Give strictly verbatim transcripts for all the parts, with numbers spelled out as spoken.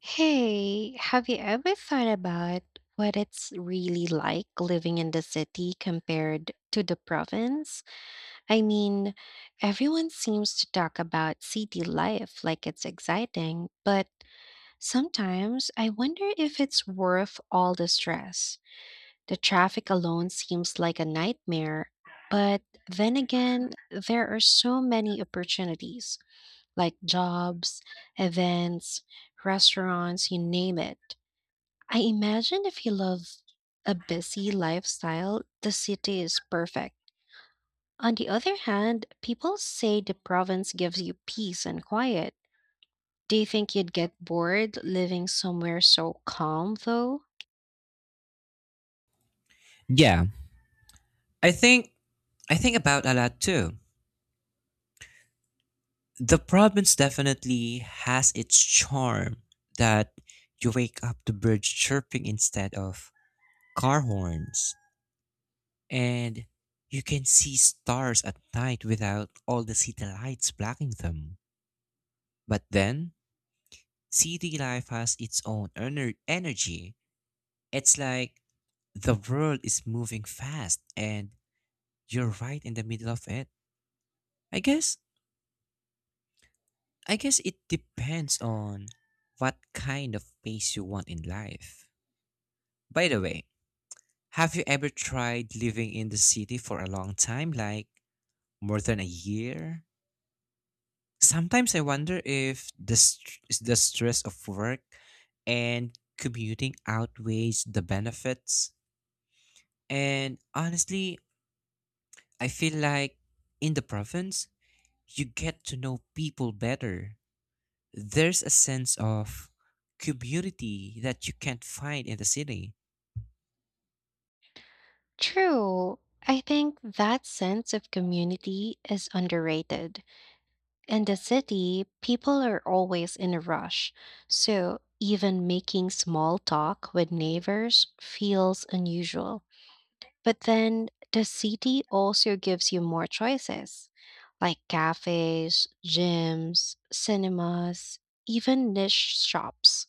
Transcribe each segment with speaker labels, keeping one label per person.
Speaker 1: Hey, have you ever thought about what it's really like living in the city compared to the province? I mean, everyone seems to talk about city life like it's exciting, but sometimes I wonder if it's worth all the stress. The traffic alone seems like a nightmare, but then again, there are so many opportunities like jobs, events, restaurants, you name it. I imagine if you love a busy lifestyle, the city is perfect. On the other hand, people say the province gives you peace and quiet. Do you think you'd get bored living somewhere so calm, though?
Speaker 2: Yeah. I think I think about a lot too. The province definitely has its charm that you wake up to birds chirping instead of car horns, and you can see stars at night without all the city lights blocking them. But then city life has its own ener- energy. It's like the world is moving fast and you're right in the middle of it. I guess I guess it depends on what kind of pace you want in life. By the way, have you ever tried living in the city for a long time, like more than a year? Sometimes I wonder if the, st- is the stress of work and commuting outweighs the benefits. And honestly, I feel like in the province, you get to know people better. There's a sense of community that you can't find in the city.
Speaker 1: True. I think that sense of community is underrated. In the city, people are always in a rush, so even making small talk with neighbors feels unusual. But then the city also gives you more choices, like cafes, gyms, cinemas, even niche shops.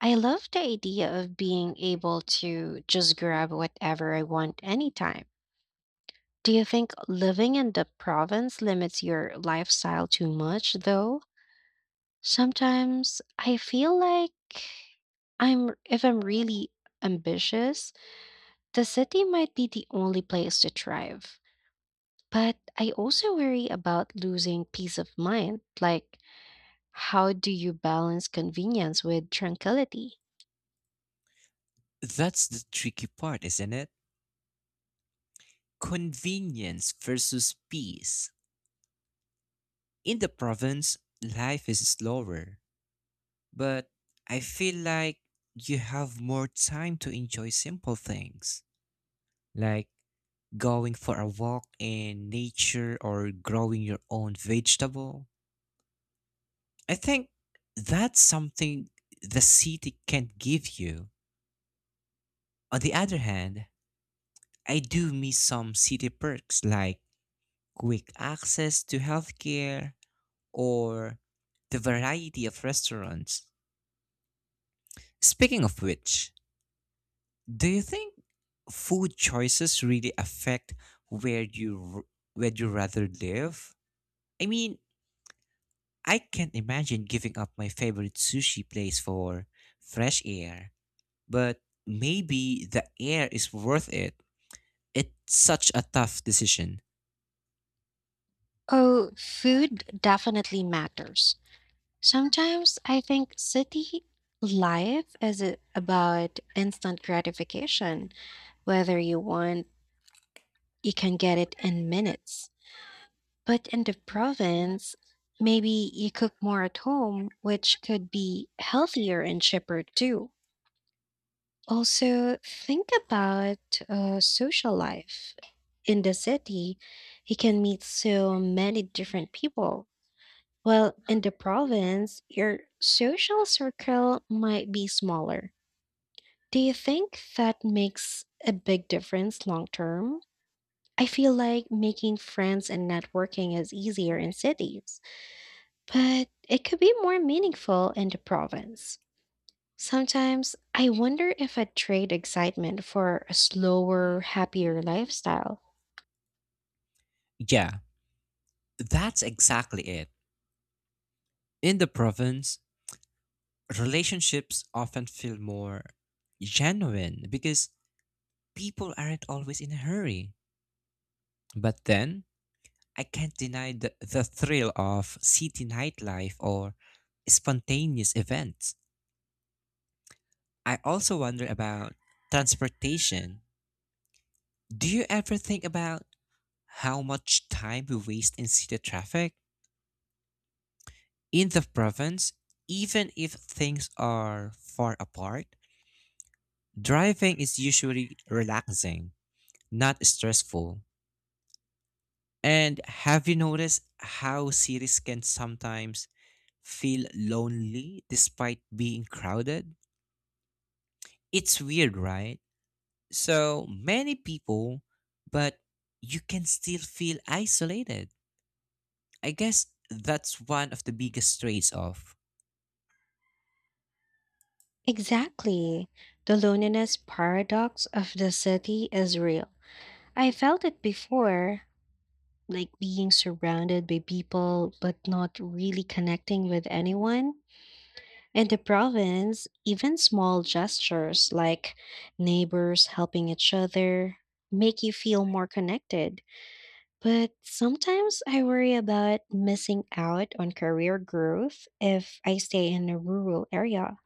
Speaker 1: I love the idea of being able to just grab whatever I want anytime. Do you think living in the province limits your lifestyle too much, though? Sometimes I feel like I'm, if I'm really ambitious, the city might be the only place to thrive. But I also worry about losing peace of mind. Like, how do you balance convenience with tranquility?
Speaker 2: That's the tricky part, isn't it? Convenience versus peace. In the province, life is slower, but I feel like you have more time to enjoy simple things. Like going for a walk in nature or growing your own vegetable. I think that's something the city can't give you. On the other hand, I do miss some city perks like quick access to healthcare or the variety of restaurants. Speaking of which, do you think food choices really affect where you r- where you rather live? I mean, I can't imagine giving up my favorite sushi place for fresh air, but maybe the air is worth it. It's such a tough decision.
Speaker 1: Oh, food definitely matters. Sometimes I think city life is a- about instant gratification. Whether you want, you can get it in minutes. But in the province, maybe you cook more at home, which could be healthier and cheaper too. Also, think about uh, social life. In the city, you can meet so many different people. While in the province, your social circle might be smaller. Do you think that makes a big difference long term? I feel like making friends and networking is easier in cities, but it could be more meaningful in the province. Sometimes I wonder if I'd trade excitement for a slower, happier lifestyle.
Speaker 2: Yeah, that's exactly it. In the province, relationships often feel more genuine because people aren't always in a hurry. But then, I can't deny the, the thrill of city nightlife or spontaneous events. I also wonder about transportation. Do you ever think about how much time we waste in city traffic? In the province, even if things are far apart, driving is usually relaxing, not stressful. And have you noticed how cities can sometimes feel lonely despite being crowded? It's weird, right? So many people, but you can still feel isolated. I guess that's one of the biggest traits of.
Speaker 1: Exactly. The loneliness paradox of the city is real. I felt it before, like being surrounded by people but not really connecting with anyone. In the province, even small gestures like neighbors helping each other make you feel more connected. But sometimes I worry about missing out on career growth if I stay in a rural area.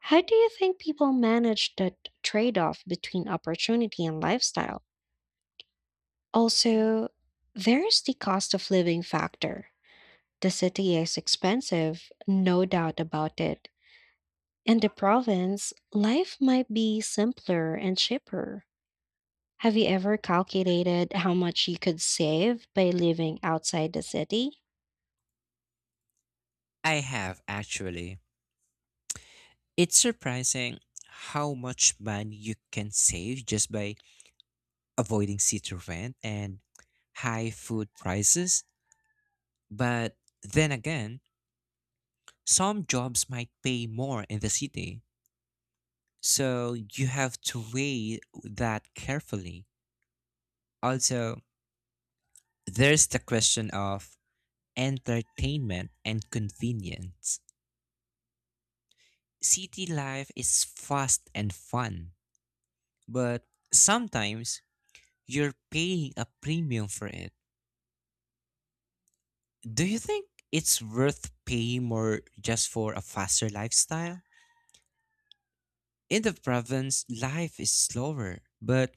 Speaker 1: How do you think people manage the trade off between opportunity and lifestyle? Also, there's the cost of living factor. The city is expensive, no doubt about it. In the province, life might be simpler and cheaper. Have you ever calculated how much you could save by living outside the city?
Speaker 2: I have actually. It's surprising how much money you can save just by avoiding city rent and high food prices. But then again, some jobs might pay more in the city. So you have to weigh that carefully. Also, there's the question of entertainment and convenience. City life is fast and fun, but sometimes you're paying a premium for it. Do you think it's worth paying more just for a faster lifestyle? In the province, life is slower, but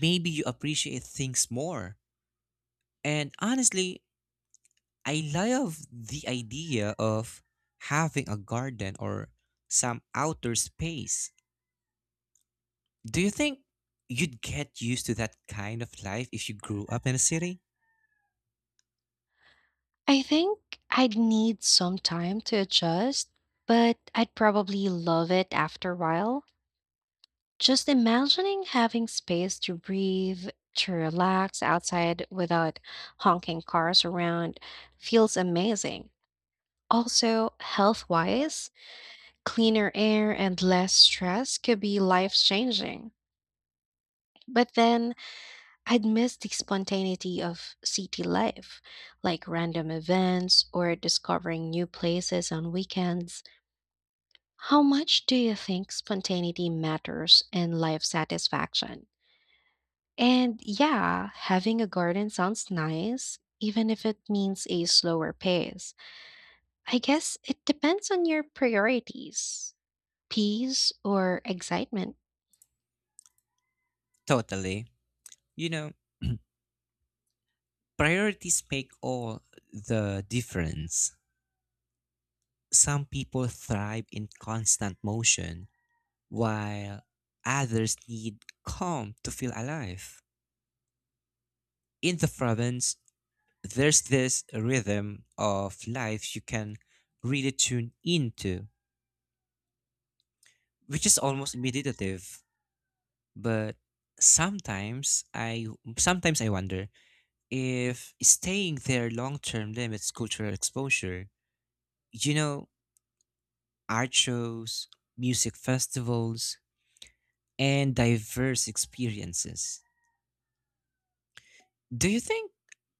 Speaker 2: maybe you appreciate things more. And honestly, I love the idea of having a garden or some outdoor space. Do you think you'd get used to that kind of life if you grew up in a city?
Speaker 1: I think I'd need some time to adjust, but I'd probably love it after a while. Just imagining having space to breathe, to relax outside without honking cars around feels amazing. Also, health wise, cleaner air and less stress could be life changing. But then I'd miss the spontaneity of city life, like random events or discovering new places on weekends. How much do you think spontaneity matters in life satisfaction? And yeah, having a garden sounds nice, even if it means a slower pace. I guess it depends on your priorities, peace or excitement.
Speaker 2: Totally. You know, priorities make all the difference. Some people thrive in constant motion, while others need calm to feel alive. In the province, there's this rhythm of life you can really tune into, which is almost meditative. But sometimes I sometimes I wonder if staying there long term limits cultural exposure. You know, art shows, music festivals, and diverse experiences. Do you think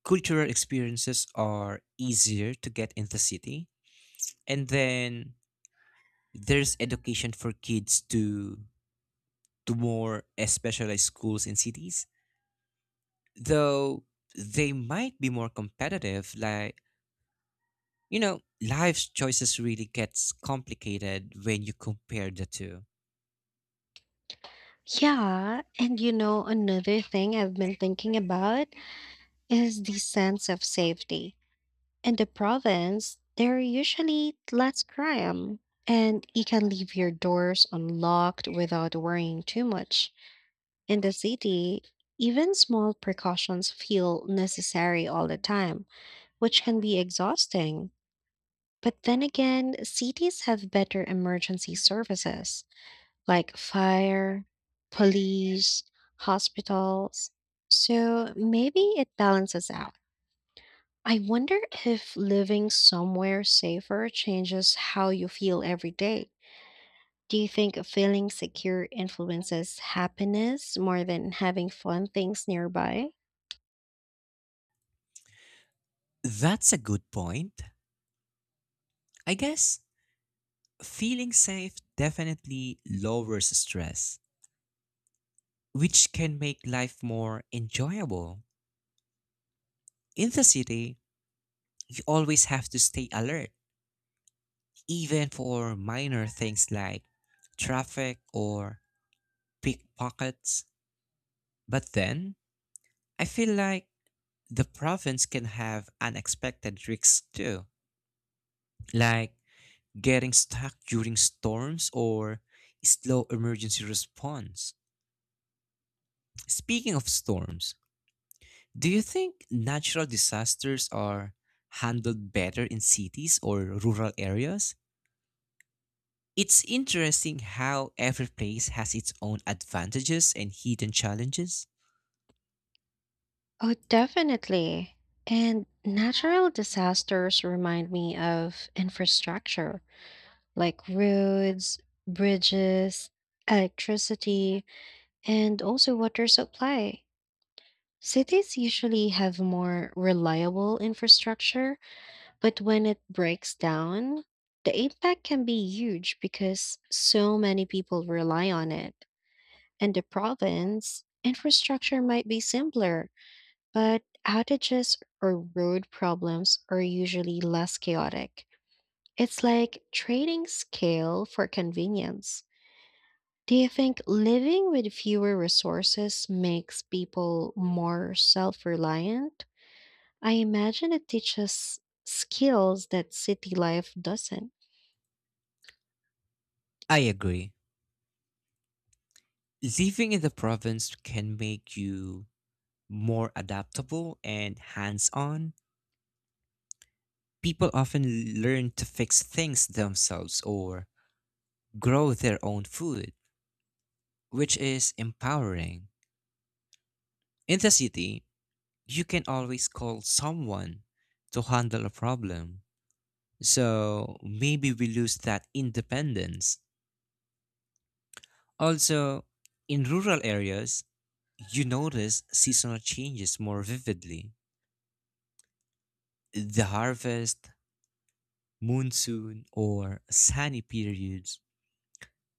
Speaker 2: cultural experiences are easier to get in the city? And then there's education for kids to to more specialized schools in cities, though they might be more competitive. Like, you know, life's choices really gets complicated when you compare the two.
Speaker 1: Yeah, and you know, another thing I've been thinking about is the sense of safety. In the province, there are usually less crime, and you can leave your doors unlocked without worrying too much. In the city, even small precautions feel necessary all the time, which can be exhausting. But then again, cities have better emergency services like fire, police, hospitals. So maybe it balances out. I wonder if living somewhere safer changes how you feel every day. Do you think feeling secure influences happiness more than having fun things nearby?
Speaker 2: That's a good point. I guess feeling safe definitely lowers stress, which can make life more enjoyable. In the city, you always have to stay alert, even for minor things like traffic or pickpockets. But then, I feel like the province can have unexpected risks too, like getting stuck during storms or slow emergency response. Speaking of storms, do you think natural disasters are handled better in cities or rural areas? It's interesting how every place has its own advantages and hidden challenges.
Speaker 1: Oh, definitely. And natural disasters remind me of infrastructure like roads, bridges, electricity, and also water supply. Cities usually have more reliable infrastructure, but when it breaks down, the impact can be huge because so many people rely on it. In the province, infrastructure might be simpler, but outages or road problems are usually less chaotic. It's like trading scale for convenience. Do you think living with fewer resources makes people more self reliant? I imagine it teaches skills that city life doesn't.
Speaker 2: I agree. Living in the province can make you more adaptable and hands on. People often learn to fix things themselves or grow their own food, which is empowering. In the city, you can always call someone to handle a problem. So maybe we lose that independence. Also, in rural areas, you notice seasonal changes more vividly. The harvest, monsoon, or sunny periods.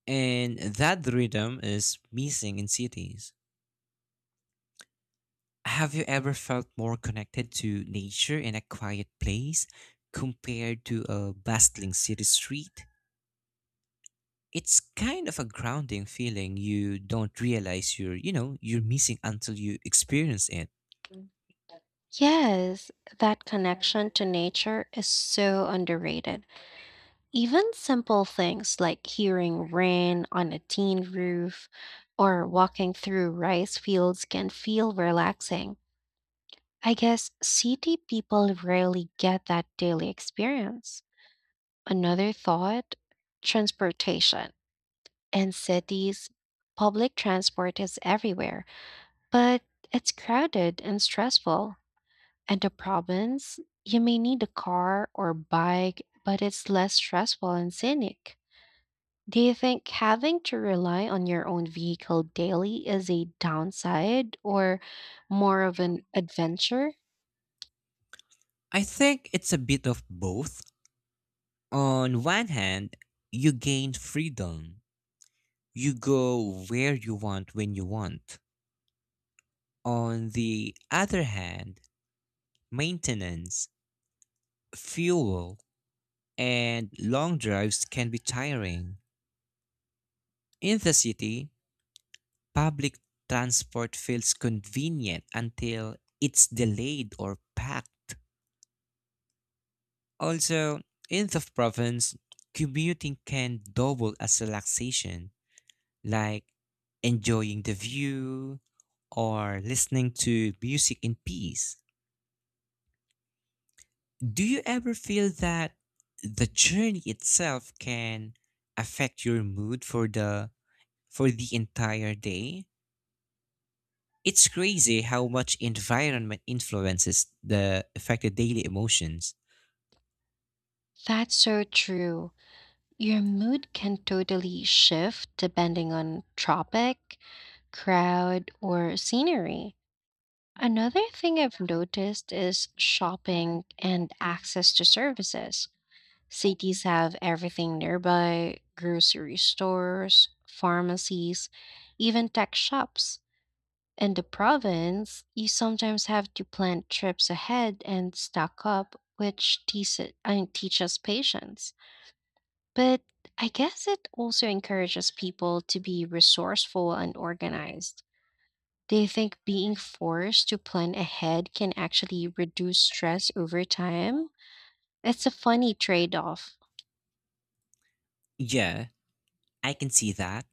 Speaker 2: And that rhythm is missing in cities. Have you ever felt more connected to nature in a quiet place compared to a bustling city street? It's kind of a grounding feeling you don't realize you're, you know, you're missing until you experience it.
Speaker 1: Yes, that connection to nature is so underrated. Even simple things like hearing rain on a tin roof or walking through rice fields can feel relaxing. I guess city people rarely get that daily experience. Another thought: transportation. In cities, public transport is everywhere, but it's crowded and stressful. And the province, you may need a car or bike, but it's less stressful and scenic. Do you think having to rely on your own vehicle daily is a downside or more of an adventure?
Speaker 2: I think it's a bit of both. On one hand, you gain freedom. You go where you want when you want. On the other hand, maintenance, fuel, and long drives can be tiring. In the city, public transport feels convenient until it's delayed or packed. Also, in the province, commuting can double as relaxation, like enjoying the view or listening to music in peace. Do you ever feel that the journey itself can affect your mood for the for the entire day? It's crazy how much environment influences the affected daily emotions.
Speaker 1: That's so true. Your mood can totally shift depending on tropic, crowd, or scenery. Another thing I've noticed is shopping and access to services. Cities have everything nearby: grocery stores, pharmacies, even tech shops. In the province, you sometimes have to plan trips ahead and stock up, which teach, I mean, teaches patience. But I guess it also encourages people to be resourceful and organized. Do you think being forced to plan ahead can actually reduce stress over time? It's a funny trade off.
Speaker 2: Yeah, I can see that.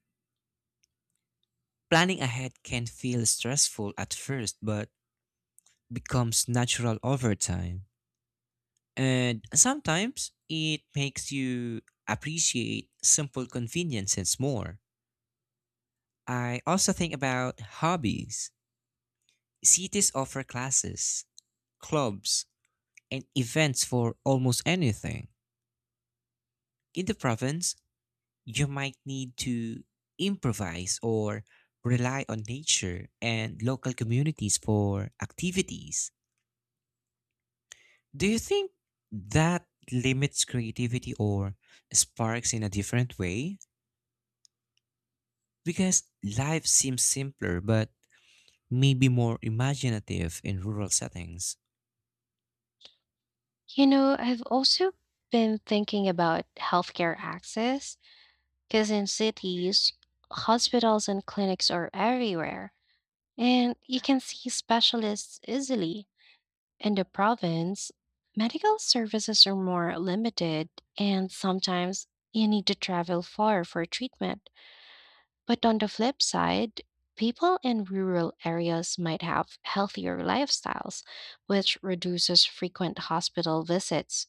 Speaker 2: Planning ahead can feel stressful at first, but becomes natural over time. And sometimes it makes you appreciate simple conveniences more. I also think about hobbies. Cities offer classes, clubs, and events for almost anything. In the province, you might need to improvise or rely on nature and local communities for activities. Do you think that limits creativity or sparks in a different way? Because life seems simpler, but maybe more imaginative in rural settings.
Speaker 1: You know, I've also been thinking about healthcare access, because in cities, hospitals and clinics are everywhere and you can see specialists easily. In the province, medical services are more limited, and sometimes you need to travel far for treatment. But on the flip side, people in rural areas might have healthier lifestyles, which reduces frequent hospital visits.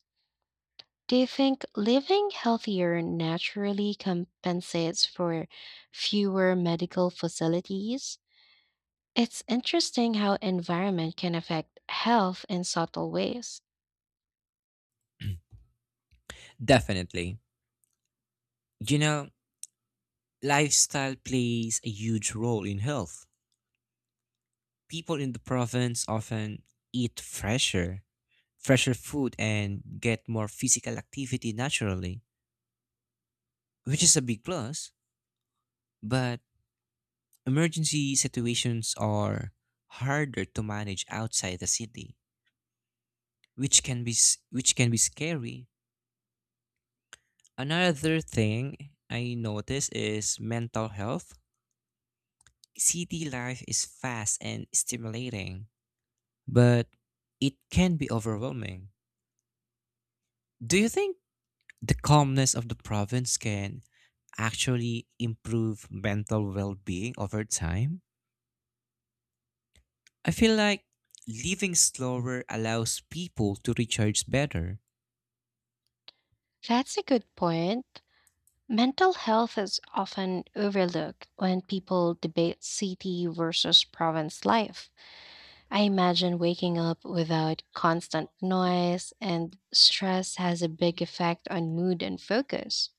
Speaker 1: Do you think living healthier naturally compensates for fewer medical facilities? It's interesting how environment can affect health in subtle ways.
Speaker 2: Definitely. You know, lifestyle plays a huge role in health. People in the province often eat fresher fresher food and get more physical activity naturally, which is a big plus. But emergency situations are harder to manage outside the city, which can be s- which can be scary. Another thing I notice is mental health. City life is fast and stimulating, but it can be overwhelming. Do you think the calmness of the province can actually improve mental well being over time? I feel like living slower allows people to recharge better.
Speaker 1: That's a good point. Mental health is often overlooked when people debate city versus province life. I imagine waking up without constant noise and stress has a big effect on mood and focus.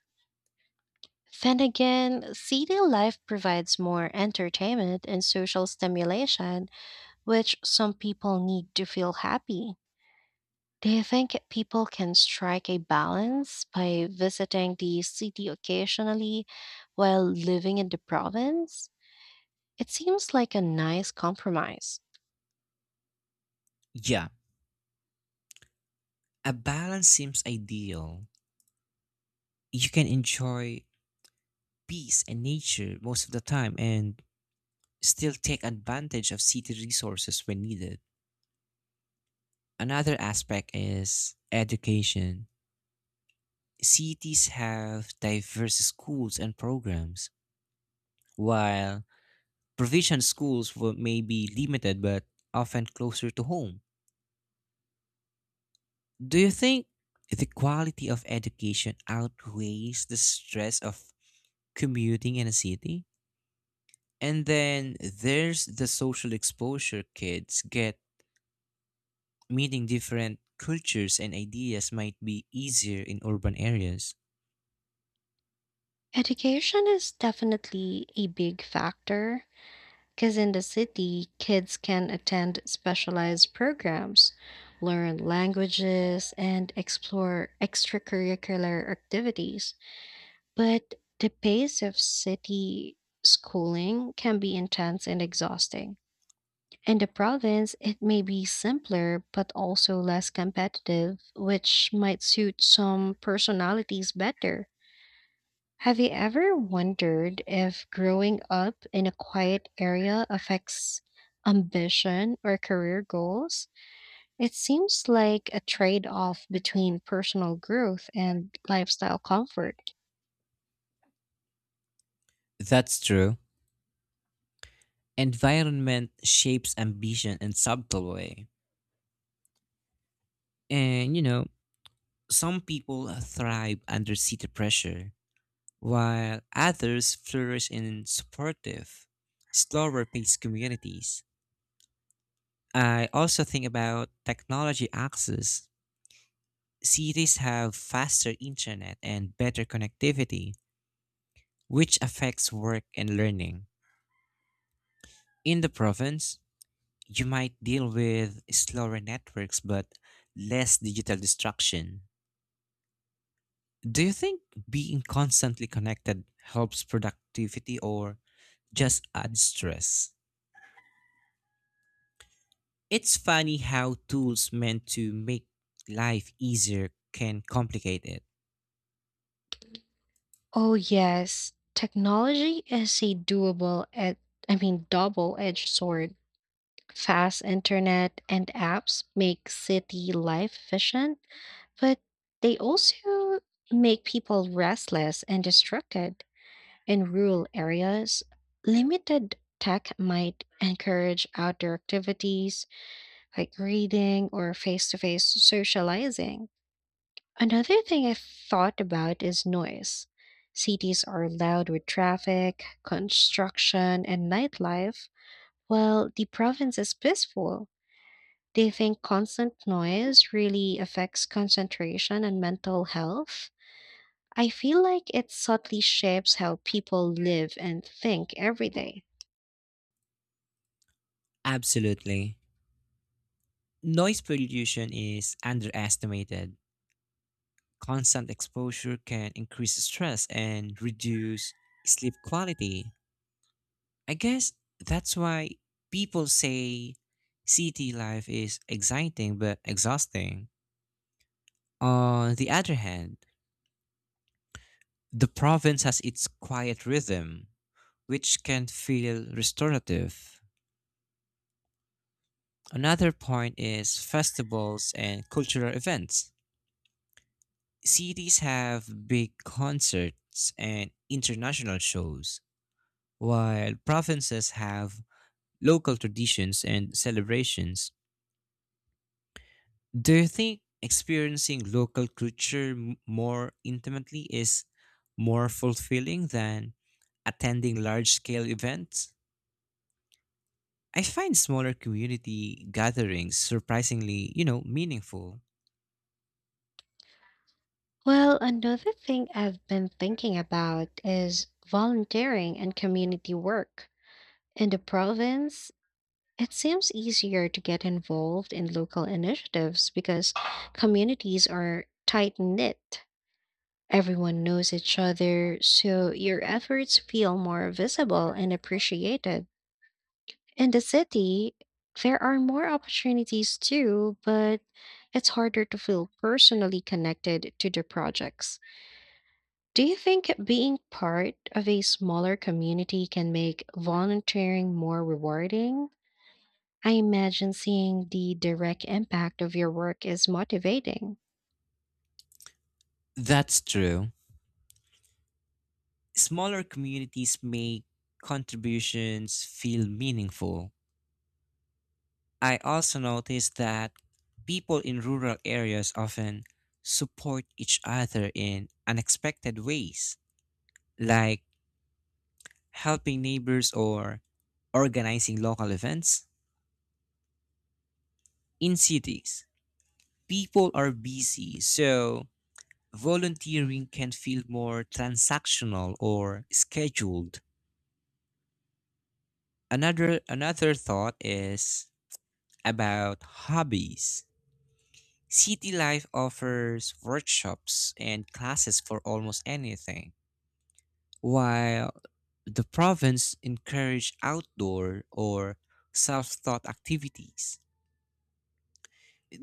Speaker 1: Then again, city life provides more entertainment and social stimulation, which some people need to feel happy. Do you think people can strike a balance by visiting the city occasionally while living in the province? It seems like a nice compromise.
Speaker 2: Yeah, a balance seems ideal. You can enjoy peace and nature most of the time and still take advantage of city resources when needed. Another aspect is education. Cities have diverse schools and programs, while Provision schools were maybe limited but often closer to home. Do you think the quality of education outweighs the stress of commuting in a city? And then there's the social exposure kids get. Meeting different cultures and ideas might be easier in urban areas.
Speaker 1: Education is definitely a big factor because in the city, kids can attend specialized programs, learn languages, and explore extracurricular activities. But the pace of city schooling can be intense and exhausting. In the province, it may be simpler but also less competitive, which might suit some personalities better. Have you ever wondered if growing up in a quiet area affects ambition or career goals? It seems like a trade off between personal growth and lifestyle comfort.
Speaker 2: That's true. Environment shapes ambition in subtle way. And you know, some people thrive under city pressure while others flourish in supportive, slower paced communities. I also think about technology access. Cities have faster internet and better connectivity, which affects work and learning. In the province, you might deal with slower networks but less digital distraction. Do you think being constantly connected helps productivity or just adds stress? It's funny how tools meant to make life easier can complicate it.
Speaker 1: Oh, yes, technology is a doable, ed- I mean, double edged sword. Fast internet and apps make city life efficient, but they also make people restless and distracted. In rural areas, limited tech might encourage outdoor activities like reading or face to face socializing. Another thing I've thought about is noise. Cities are loud with traffic, construction, and nightlife, while the province is peaceful. Do you think constant noise really affects concentration and mental health? I feel like it subtly shapes how people live and think every day.
Speaker 2: Absolutely. Noise pollution is underestimated. Constant exposure can increase stress and reduce sleep quality. I guess that's why people say city life is exciting but exhausting. On the other hand, the province has its quiet rhythm, which can feel restorative. Another point is festivals and cultural events. Cities have big concerts and international shows, while provinces have local traditions and celebrations. Do you think experiencing local culture m- more intimately is more fulfilling than attending large scale events? I find smaller community gatherings surprisingly, you know, meaningful.
Speaker 1: Well, another thing I've been thinking about is volunteering and community work. In the province, it seems easier to get involved in local initiatives because communities are tight knit. Everyone knows each other, so your efforts feel more visible and appreciated. In the city, there are more opportunities too, but it's harder to feel personally connected to the projects. Do you think being part of a smaller community can make volunteering more rewarding? I imagine seeing the direct impact of your work is motivating.
Speaker 2: That's true. Smaller communities make contributions feel meaningful. I also noticed that people in rural areas often support each other in unexpected ways, like helping neighbors or organizing local events. In cities, people are busy, so volunteering can feel more transactional or scheduled. Another another thought is about hobbies. City life offers workshops and classes for almost anything, while the province encourage outdoor or self-taught activities.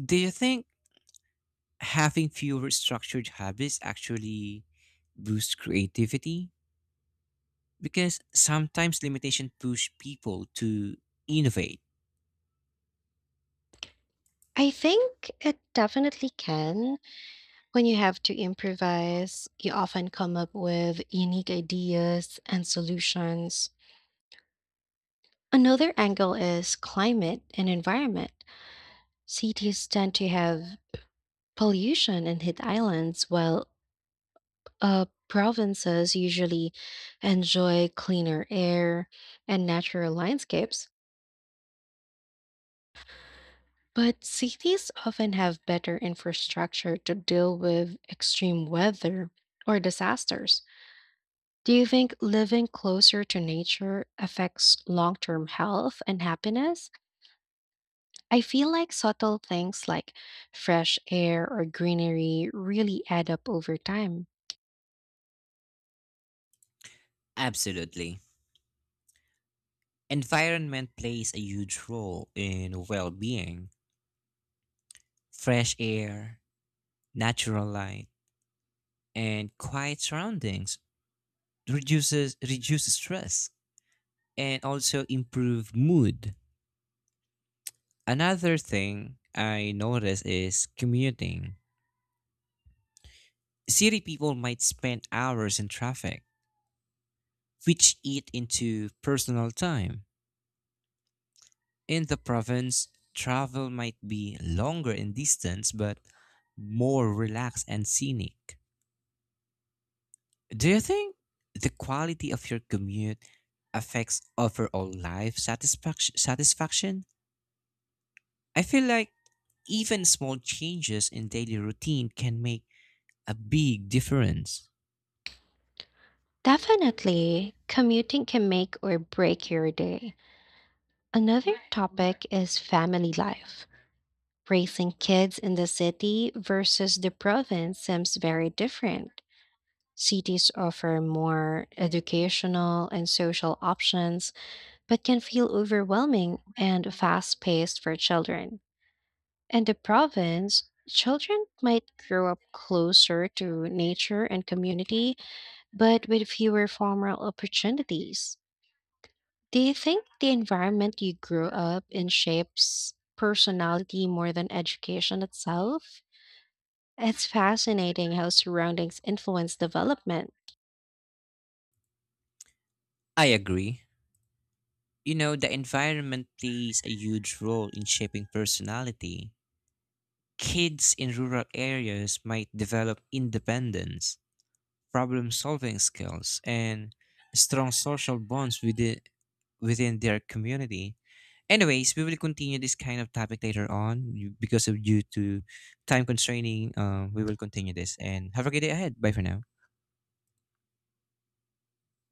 Speaker 2: Do you think having fewer structured habits actually boosts creativity? Because sometimes limitation push people to innovate.
Speaker 1: I think it definitely can. When you have to improvise, you often come up with unique ideas and solutions. Another angle is climate and environment. Cities tend to have pollution and hit islands, while uh, provinces usually enjoy cleaner air and natural landscapes. But cities often have better infrastructure to deal with extreme weather or disasters. Do you think living closer to nature affects long term health and happiness? I feel like subtle things like fresh air or greenery really add up over time.
Speaker 2: Absolutely. Environment plays a huge role in well-being. Fresh air, natural light, and quiet surroundings reduces reduces stress and also improve mood. Another thing I notice is commuting. City people might spend hours in traffic, which eat into personal time. In the province, travel might be longer in distance but more relaxed and scenic. Do you think the quality of your commute affects overall life satisfaction satisfaction? I feel like even small changes in daily routine can make a big difference.
Speaker 1: Definitely, commuting can make or break your day. Another topic is family life. Raising kids in the city versus the province seems very different. Cities offer more educational and social options but can feel overwhelming and fast paced for children. In the province, children might grow up closer to nature and community, but with fewer formal opportunities. Do you think the environment you grew up in shapes personality more than education itself? It's fascinating how surroundings influence development.
Speaker 2: I agree. You know, the environment plays a huge role in shaping personality. Kids in rural areas might develop independence, problem solving skills, and strong social bonds within, within their community. Anyways, we will continue this kind of topic later on you- because of due to time constraining. Uh, we will continue this and have a great day ahead. Bye for now.